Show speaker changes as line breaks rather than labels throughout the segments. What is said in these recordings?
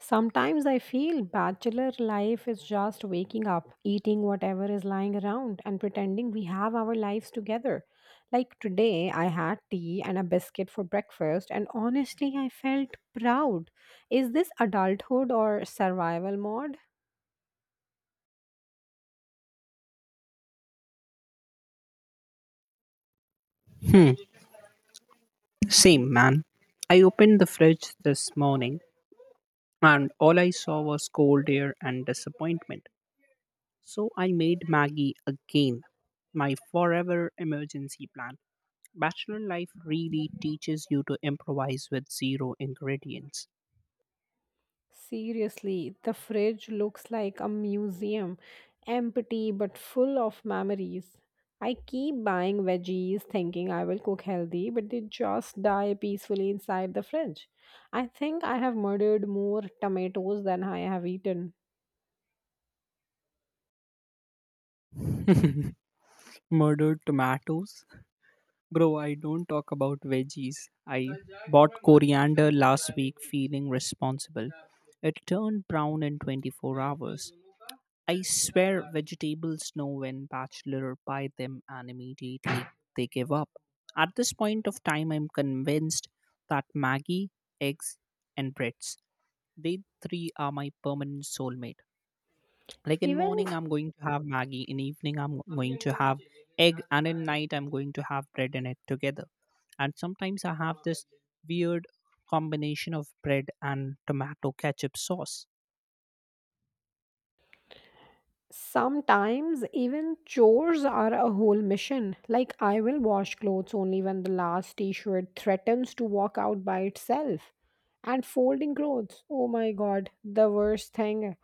Sometimes I feel bachelor life is just waking up, eating whatever is lying around, and pretending we have our lives together. Like today, I had tea and a biscuit for breakfast, and honestly, I felt proud. Is this adulthood or survival mode?
Hmm, same man. I opened the fridge this morning and all I saw was cold air and disappointment. So I made Maggie again, my forever emergency plan. Bachelor life really teaches you to improvise with zero ingredients.
Seriously, the fridge looks like a museum, empty but full of memories. I keep buying veggies thinking I will cook healthy, but they just die peacefully inside the fridge. I think I have murdered more tomatoes than I have eaten.
Murdered tomatoes? Bro, I don't talk about veggies. I bought coriander last week feeling responsible. It turned brown in 24 hours. I swear vegetables know when bachelor buy them and immediately they give up. At this point of time, I'm convinced that Maggie, eggs, and breads, they three are my permanent soulmate. Like in
Even
morning, I'm going to have Maggie. In evening, I'm going to have egg, and in night, I'm going to have bread and egg together. And sometimes I have this weird combination of bread and tomato ketchup sauce.
Sometimes even chores are a whole mission. Like I will wash clothes only when the last t-shirt threatens to walk out by itself. And folding clothes, oh my god, the worst thing.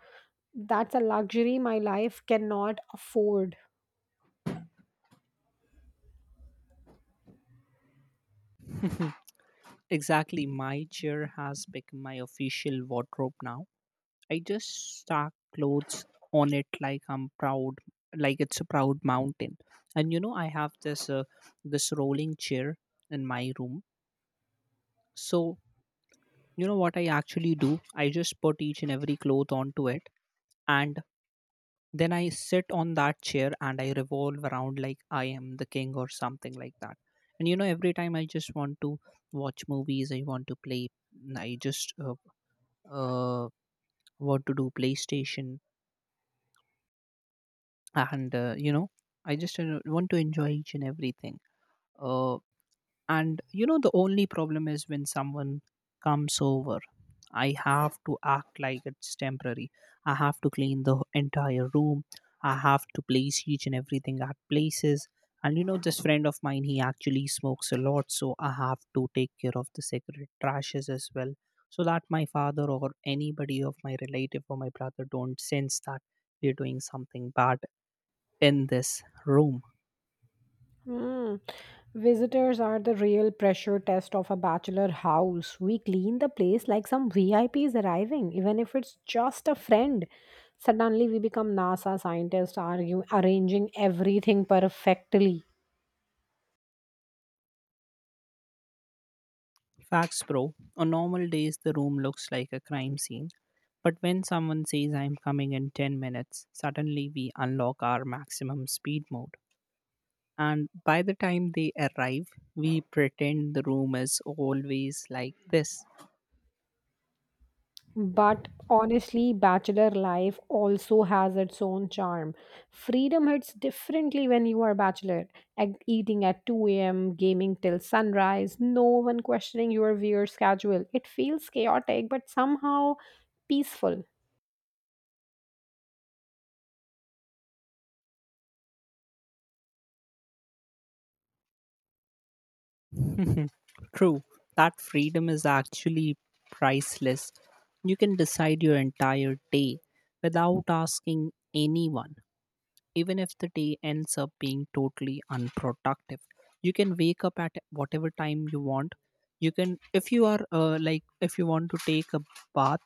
That's a luxury my life cannot afford.
Exactly. My chair has become my official wardrobe now. I just stack clothes on it like I'm proud, like it's a proud mountain. And you know, I have this this rolling chair in my room. So you know what I actually do? I just put each and every cloth onto it, and then I sit on that chair and I revolve around like I am the king or something like that. And you know, every time I just want to watch movies, I want to play I just uh, what to do, PlayStation, and you know, I just want to enjoy each and everything. Uh, And you know, the only problem is when someone comes over, I have to act like it's temporary. I have to clean the entire room. I have to place each and everything at places. And you know, this friend of mine, he actually smokes a lot, so I have to take care of the cigarette trashes as well, so that my father or anybody of my relative or my brother don't sense that we're doing something bad in this room.
Hmm. Visitors are the real pressure test of a bachelor house. We clean the place like some VIP is arriving, even if it's just a friend. Suddenly, we become NASA scientists, argue, arranging everything perfectly.
Facts, bro. On normal days, the room looks like a crime scene. But when someone says, I'm coming in 10 minutes, suddenly we unlock our maximum speed mode. And by the time they arrive, we pretend the room is always like this.
But honestly, bachelor life also has its own charm. Freedom hits differently when you are bachelor. Eating at 2 a.m., gaming till sunrise, no one questioning your weird schedule. It feels chaotic, but somehow peaceful.
True, that freedom is actually priceless. You can decide your entire day without asking anyone, even if the day ends up being totally unproductive. You can wake up at whatever time you want. You can, if you are like, if you want to take a bath,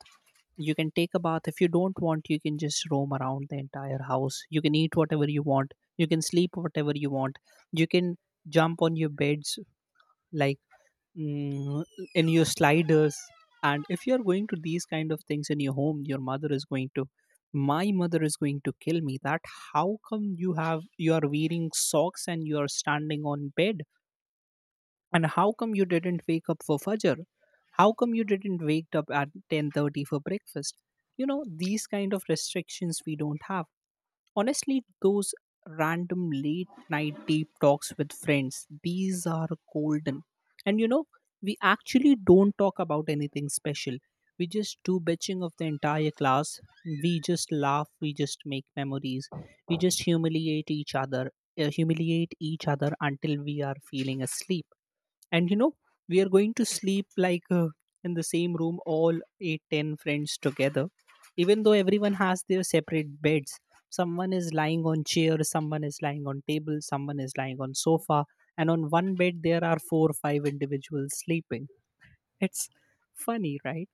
you can take a bath. If you don't want, you can just roam around the entire house. You can eat whatever you want. You can sleep whatever you want. You can jump on your beds like mm, in your sliders. And if you are going to these kind of things in your home your mother is going to my mother is going to kill me. That how come you have you are wearing socks and you are standing on bed, and how come you didn't wake up for fajr, how come you didn't wake up at 10:30 for breakfast. You know these kind of restrictions we don't have. Honestly, those random late night deep talks with friends, these are golden. And you know, we actually don't talk about anything special. We just do bitching of the entire class. We just laugh. We just make memories. We just humiliate each other until we are feeling asleep. And you know we are going to sleep like in the same room all 8 10 friends together, even though everyone has their separate beds. Someone is lying on chair, someone is lying on table, someone is lying on sofa, and on one bed there are four or five individuals sleeping. It's funny, right?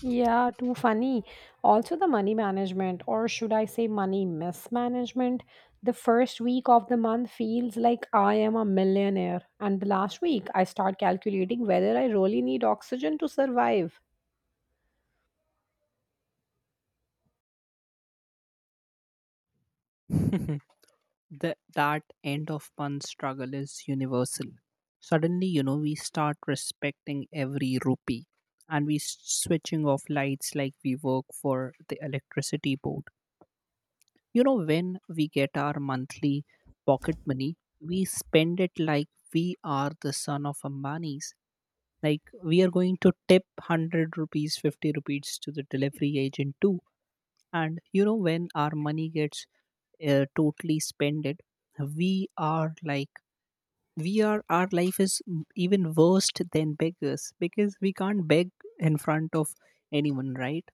Yeah, too funny. Also, the money management, or should I say money mismanagement, the first week of the month feels like I am a millionaire. And the last week, I start calculating whether I really need oxygen to survive.
The that end of month struggle is universal. Suddenly, you know, we start respecting every rupee and switching off lights like we work for the electricity board. You know, when we get our monthly pocket money, we spend it like we are the son of Ambani's. Like we are going to tip 100 rupees, 50 rupees to the delivery agent too. And you know when our money gets totally spended, we are like, we are our even worse than beggars because we can't beg in front of anyone, right?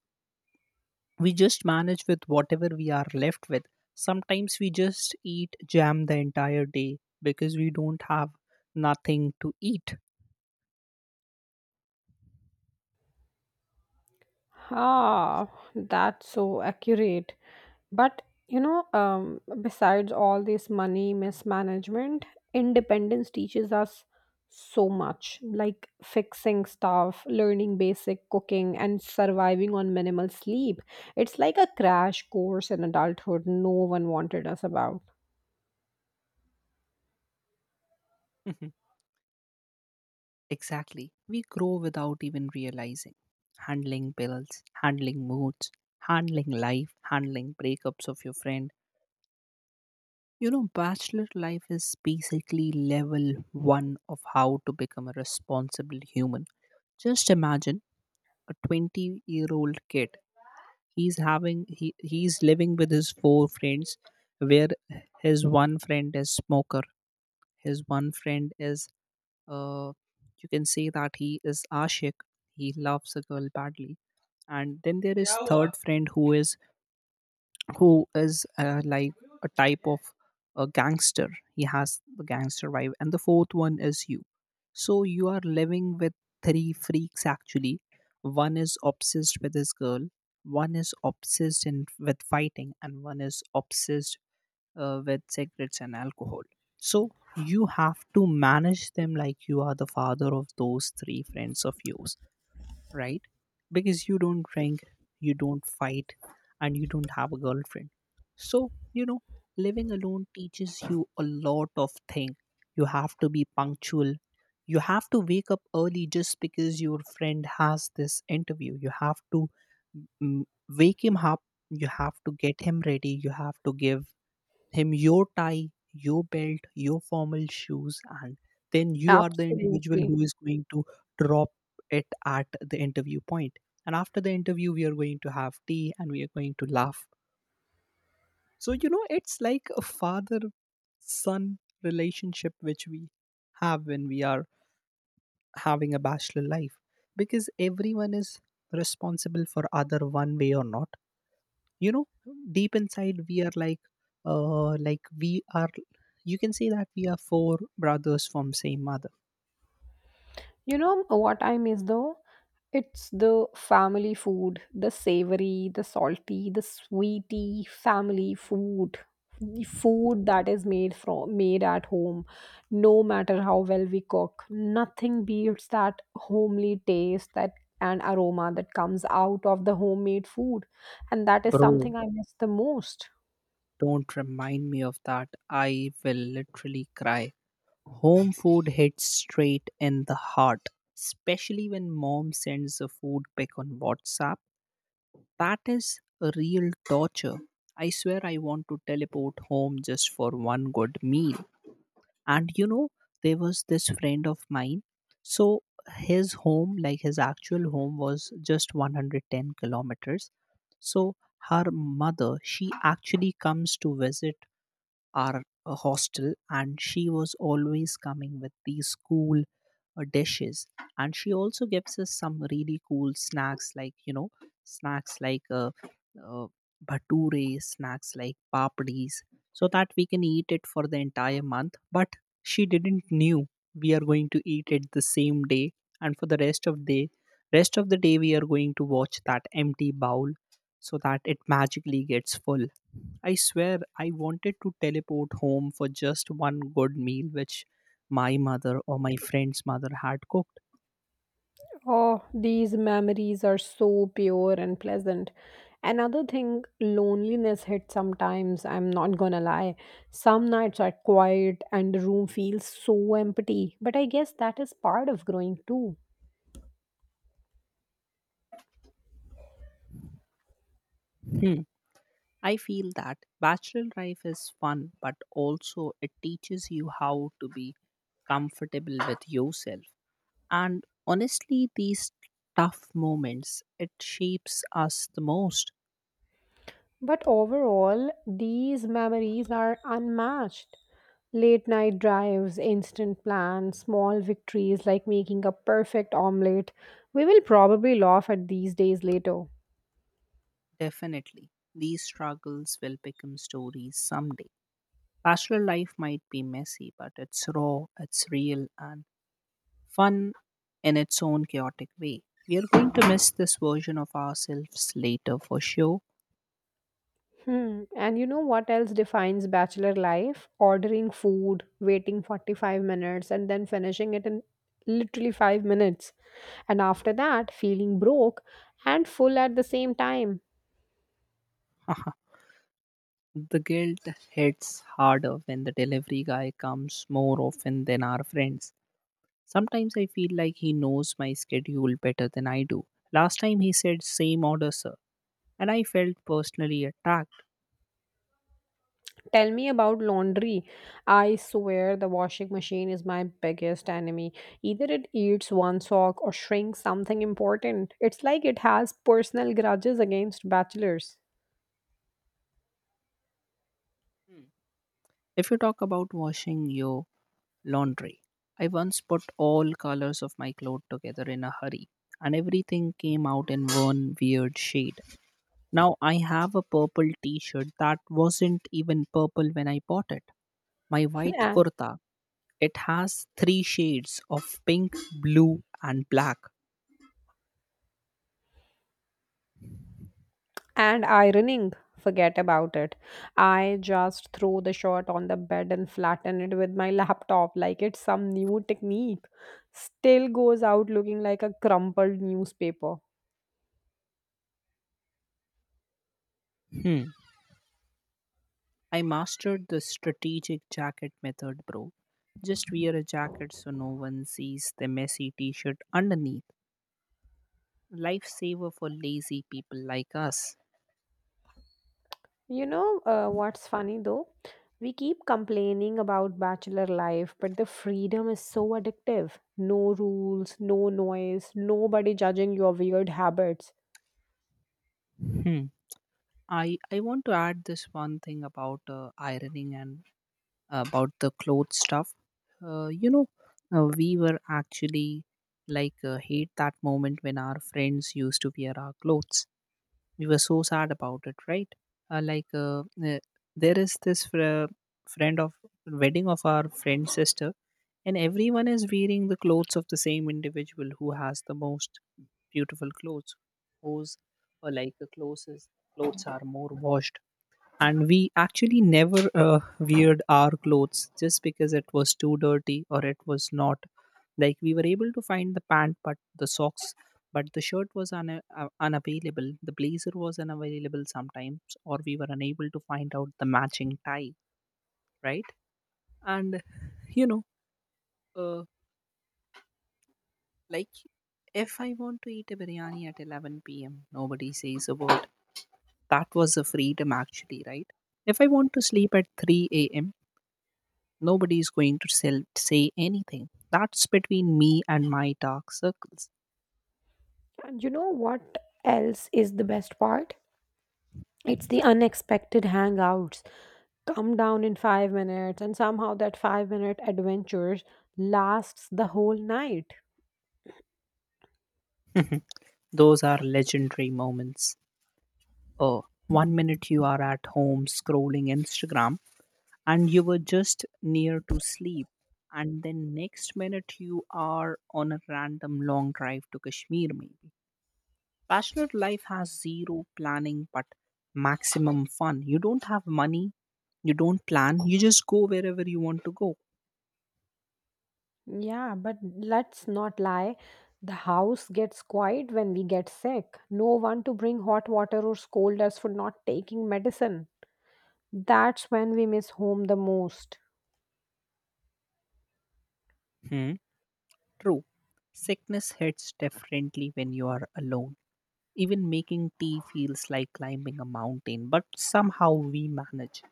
We just manage with whatever we are left with. Sometimes we just eat jam the entire day because we don't have nothing to eat.
Ah, that's so accurate. But you know, besides all this money mismanagement, independence teaches us so much, like fixing stuff, learning basic cooking, and surviving on minimal sleep. It's like a crash course in adulthood no one wanted us about.
Mhm. Exactly. We grow without even realizing. Handling bills, handling moods, handling life, handling breakups of your friend. You know, bachelor life is basically level one of how to become a responsible human. Just imagine a 20-year-old kid. He's living with his four friends, where his one friend is smoker. His one friend is, uh, you can say that he is Ashik. He loves a girl badly. And then there is third friend who is like a type of a gangster. He has the gangster vibe. And the fourth one is you. So you are living with three freaks actually. One is obsessed with his girl, one is obsessed with fighting, and one is obsessed with cigarettes and alcohol. So you have to manage them like you are the father of those three friends of yours, right? Because you don't drink, you don't fight, and you don't have a girlfriend. So, you know, living alone teaches you a lot of things. You have to be punctual. You have to wake up early just because your friend has this interview. You have to mm, wake him up. You have to get him ready. You have to give him your tie, your belt, your formal shoes, and then you are the individual
Absolutely.
who is going to drop it at the interview point. And after the interview, we are going to have tea and we are going to laugh. So, you know, it's like a father son relationship which we have when we are having a bachelor life, because everyone is responsible for other one way or not. You know, deep inside we are like, like we are, you can say that we are four brothers from same mother.
You know what I miss though? It's the family food, the savory, the salty, the sweety family food. The food that is made from made at home, no matter how well we cook, nothing beats that homely taste that and aroma that comes out of the homemade food. And that is
Bro,
something I miss the most.
don't remind me of that, I will literally cry. Home food hits straight in the heart, especially when mom sends a food pic on WhatsApp. That is a real torture. I swear I want to teleport home just for one good meal. And you know, there was this friend of mine. So his home, like his actual home was just 110 kilometers. So her mother, she actually comes to visit our hostel, and she was always coming with these cool dishes. And she also gives us some really cool snacks, like you know, snacks like uh, bhature, snacks like papdis, so that we can eat it for the entire month. But she didn't knew we are going to eat it the same day, and for the rest of the day we are going to watch that empty bowl so that it magically gets full. I swear I wanted to teleport home for just one good meal which my mother or my friend's mother had cooked.
Oh, these memories are so pure and pleasant. Another thing, loneliness hits sometimes, I'm not gonna lie. Some nights are quiet and the room feels so empty, but I guess that is part of growing too.
Hmm. I feel that bachelor life is fun, but also it teaches you how to be comfortable with yourself. And honestly, these tough moments, it shapes us the most.
But overall, these memories are unmatched. Late night drives, instant plans, small victories like making a perfect omelette. We will probably laugh at these days later.
Definitely. These struggles will become stories someday. Bachelor life might be messy, but it's raw, it's real, and fun in its own chaotic way. We are going to miss this version of ourselves later for sure.
Hmm. And you know what else defines bachelor life? Ordering food, waiting 45 minutes, and then finishing it in literally 5 minutes. And after that, feeling broke and full at the same time.
The guilt hits harder when the delivery guy comes more often than our friends. Sometimes I feel like he knows my schedule better than I do. Last time he said same order sir, and I felt personally attacked.
Tell me about laundry. I swear the washing machine is my biggest enemy. Either it eats one sock or shrinks something important. It's like it has personal grudges against bachelors.
If you talk about washing your laundry, I once put all colors of my clothes together in a hurry, and everything came out in one weird shade. Now I have a purple t-shirt that wasn't even purple when I bought it. My white kurta, it has three shades of pink, blue and black.
And ironing, forget about it. I just throw the shirt on the bed and flatten it with my laptop like it's some new technique. Still goes out looking like a crumpled newspaper.
Hmm. I mastered the strategic jacket method, bro. Just wear a jacket so no one sees the messy t-shirt underneath. Lifesaver for lazy people like us.
You know, what's funny though, we keep complaining about bachelor life, but the freedom is so addictive. No rules, no noise, nobody judging your weird habits.
Hmm. I want to add this one thing about ironing and about the clothes stuff. You know, we were actually like hate that moment when our friends used to wear our clothes. We were so sad about it, right? Uh, like uh, uh, there is this friend of wedding of our friend's sister, and everyone is wearing the clothes of the same individual who has the most beautiful clothes, whose or like the clothes are more washed, and we actually never weared our clothes just because it was too dirty, or it was not like. We were able to find the pant but the socks, but the shirt was unavailable, the blazer was unavailable sometimes, or we were unable to find out the matching tie, right? And you know uh, like if I want to eat a biryani at 11 p.m., nobody says a word. That was a freedom actually, right? If I want to sleep at 3 a.m., nobody is going to say anything. That's between me and my dark circles.
And you know what else is the best part? It's the unexpected hangouts. Come down in 5 minutes and somehow that 5 minute adventure lasts the whole night.
Those are legendary moments. Oh, one minute you are at home scrolling Instagram and you were just near to sleep, and then next minute you are on a random long drive to Kashmir, maybe. Passionate life has zero planning but maximum fun. You don't have money, you don't plan, you just go wherever you want to go.
Yeah, but let's not lie, the house gets quiet when we get sick. No one to bring hot water or scold us for not taking medicine. That's when we miss home the most.
Hmm. True, sickness hits differently when you are alone. Even making tea feels like climbing a mountain, but somehow we manage.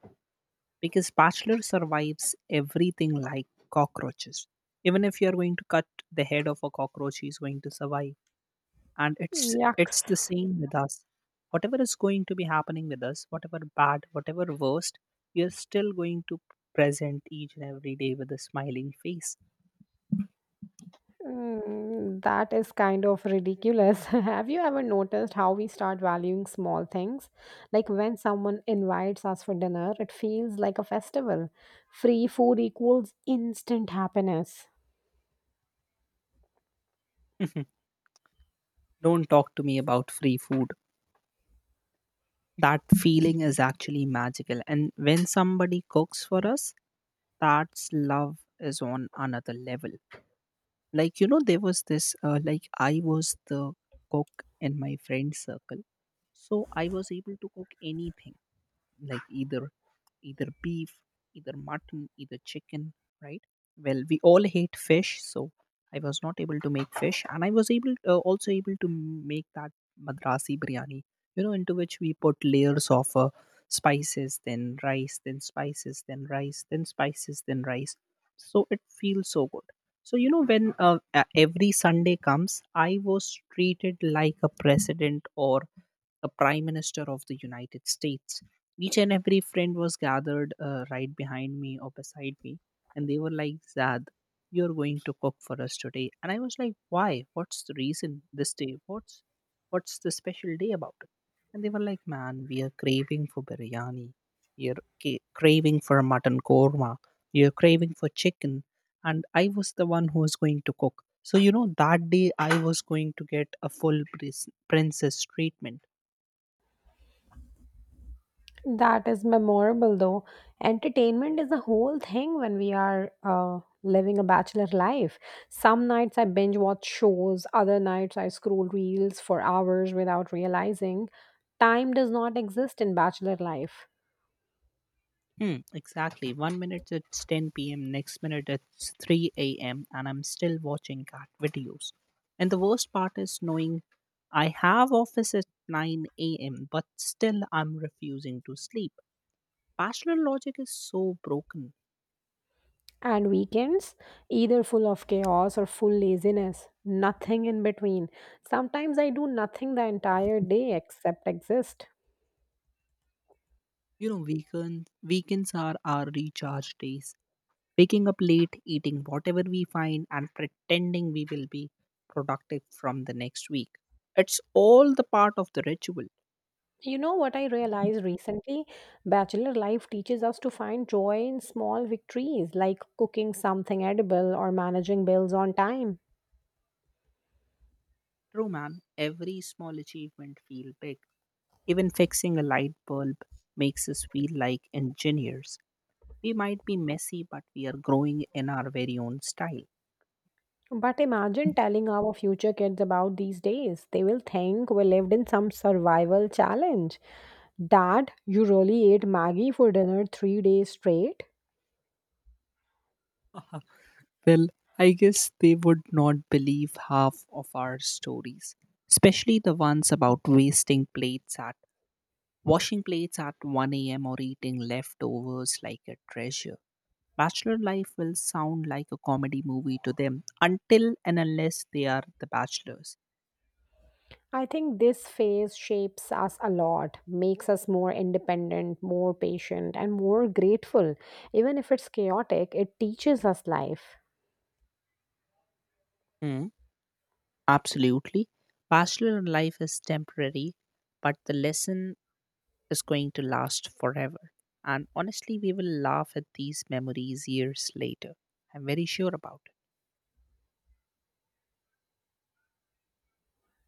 Because Bachelor survives everything like cockroaches. Even if you are going to cut the head of a cockroach, he's going to survive. And it's
Yuck.
it's the same with us. Whatever is going to be happening with us, whatever bad, whatever worst, you're still going to present each and every day with a smiling face.
Mm, that is kind of ridiculous. Have you ever noticed how we start valuing small things? Like when someone invites us for dinner, it feels like a festival. Free food equals instant happiness.
Don't talk to me about free food. That feeling is actually magical, and when somebody cooks for us, that's love is on another level. Like you know there was this like I was the cook in my friend circle, so I was able to cook anything, like either beef, either mutton, either chicken, right? Well, we all hate fish, so I was not able to make fish, and I was able also able to make that madrasi biryani, you know, into which we put layers of spices, then rice, then spices, then rice, then spices, then rice. So it feels so good. So you know, when every Sunday comes, I was treated like a president or the Prime Minister of the United States. Each and every friend was gathered right behind me or beside me, and they were like, Zad, you're going to cook for us today. And I was like, Why? What's the reason this day? What's the special day about it? And they were like, Man, we are craving for biryani. You're craving for mutton korma. You're craving for chicken. And I was the one who was going to cook. So, you know, that day I was going to get a full princess treatment.
That is memorable though. Entertainment is a whole thing when we are living a bachelor life. Some nights I binge watch shows, other nights I scroll reels for hours without realizing time does not exist in bachelor life.
Hmm, exactly. One minute it's 10 p.m., next minute it's 3 a.m., and I'm still watching cat videos. And the worst part is knowing I have office at 9 a.m., but still I'm refusing to sleep. Bachelor logic is so broken.
And weekends, either full of chaos or full laziness, nothing in between. Sometimes I do nothing the entire day except exist.
You know, weekends are our recharge days. Waking up late, eating whatever we find, and pretending we will be productive from the next week. It's all the part of the ritual.
You know what I realized recently? Bachelor life teaches us to find joy in small victories like cooking something edible or managing bills on time.
True, man. Every small achievement feel big. Even fixing a light bulb makes us feel like engineers. We might be messy, but we are growing in our very own style.
But imagine telling our future kids about these days, they will think we lived in some survival challenge. Dad, you really ate maggie for dinner 3 days straight?
Uh-huh. Well, I guess they would not believe half of our stories, especially the ones about wasting plates at washing plates at 1 a.m. or eating leftovers like a treasure. Bachelor life will sound like a comedy movie to them until and unless they are the bachelors.
I think this phase shapes us a lot, makes us more independent, more patient, and more grateful. Even if it's chaotic, it teaches us life.
Hmm. Absolutely. Pastoral life is temporary, but the lesson is going to last forever. And honestly, we will laugh at these memories years later. I'm very sure about it.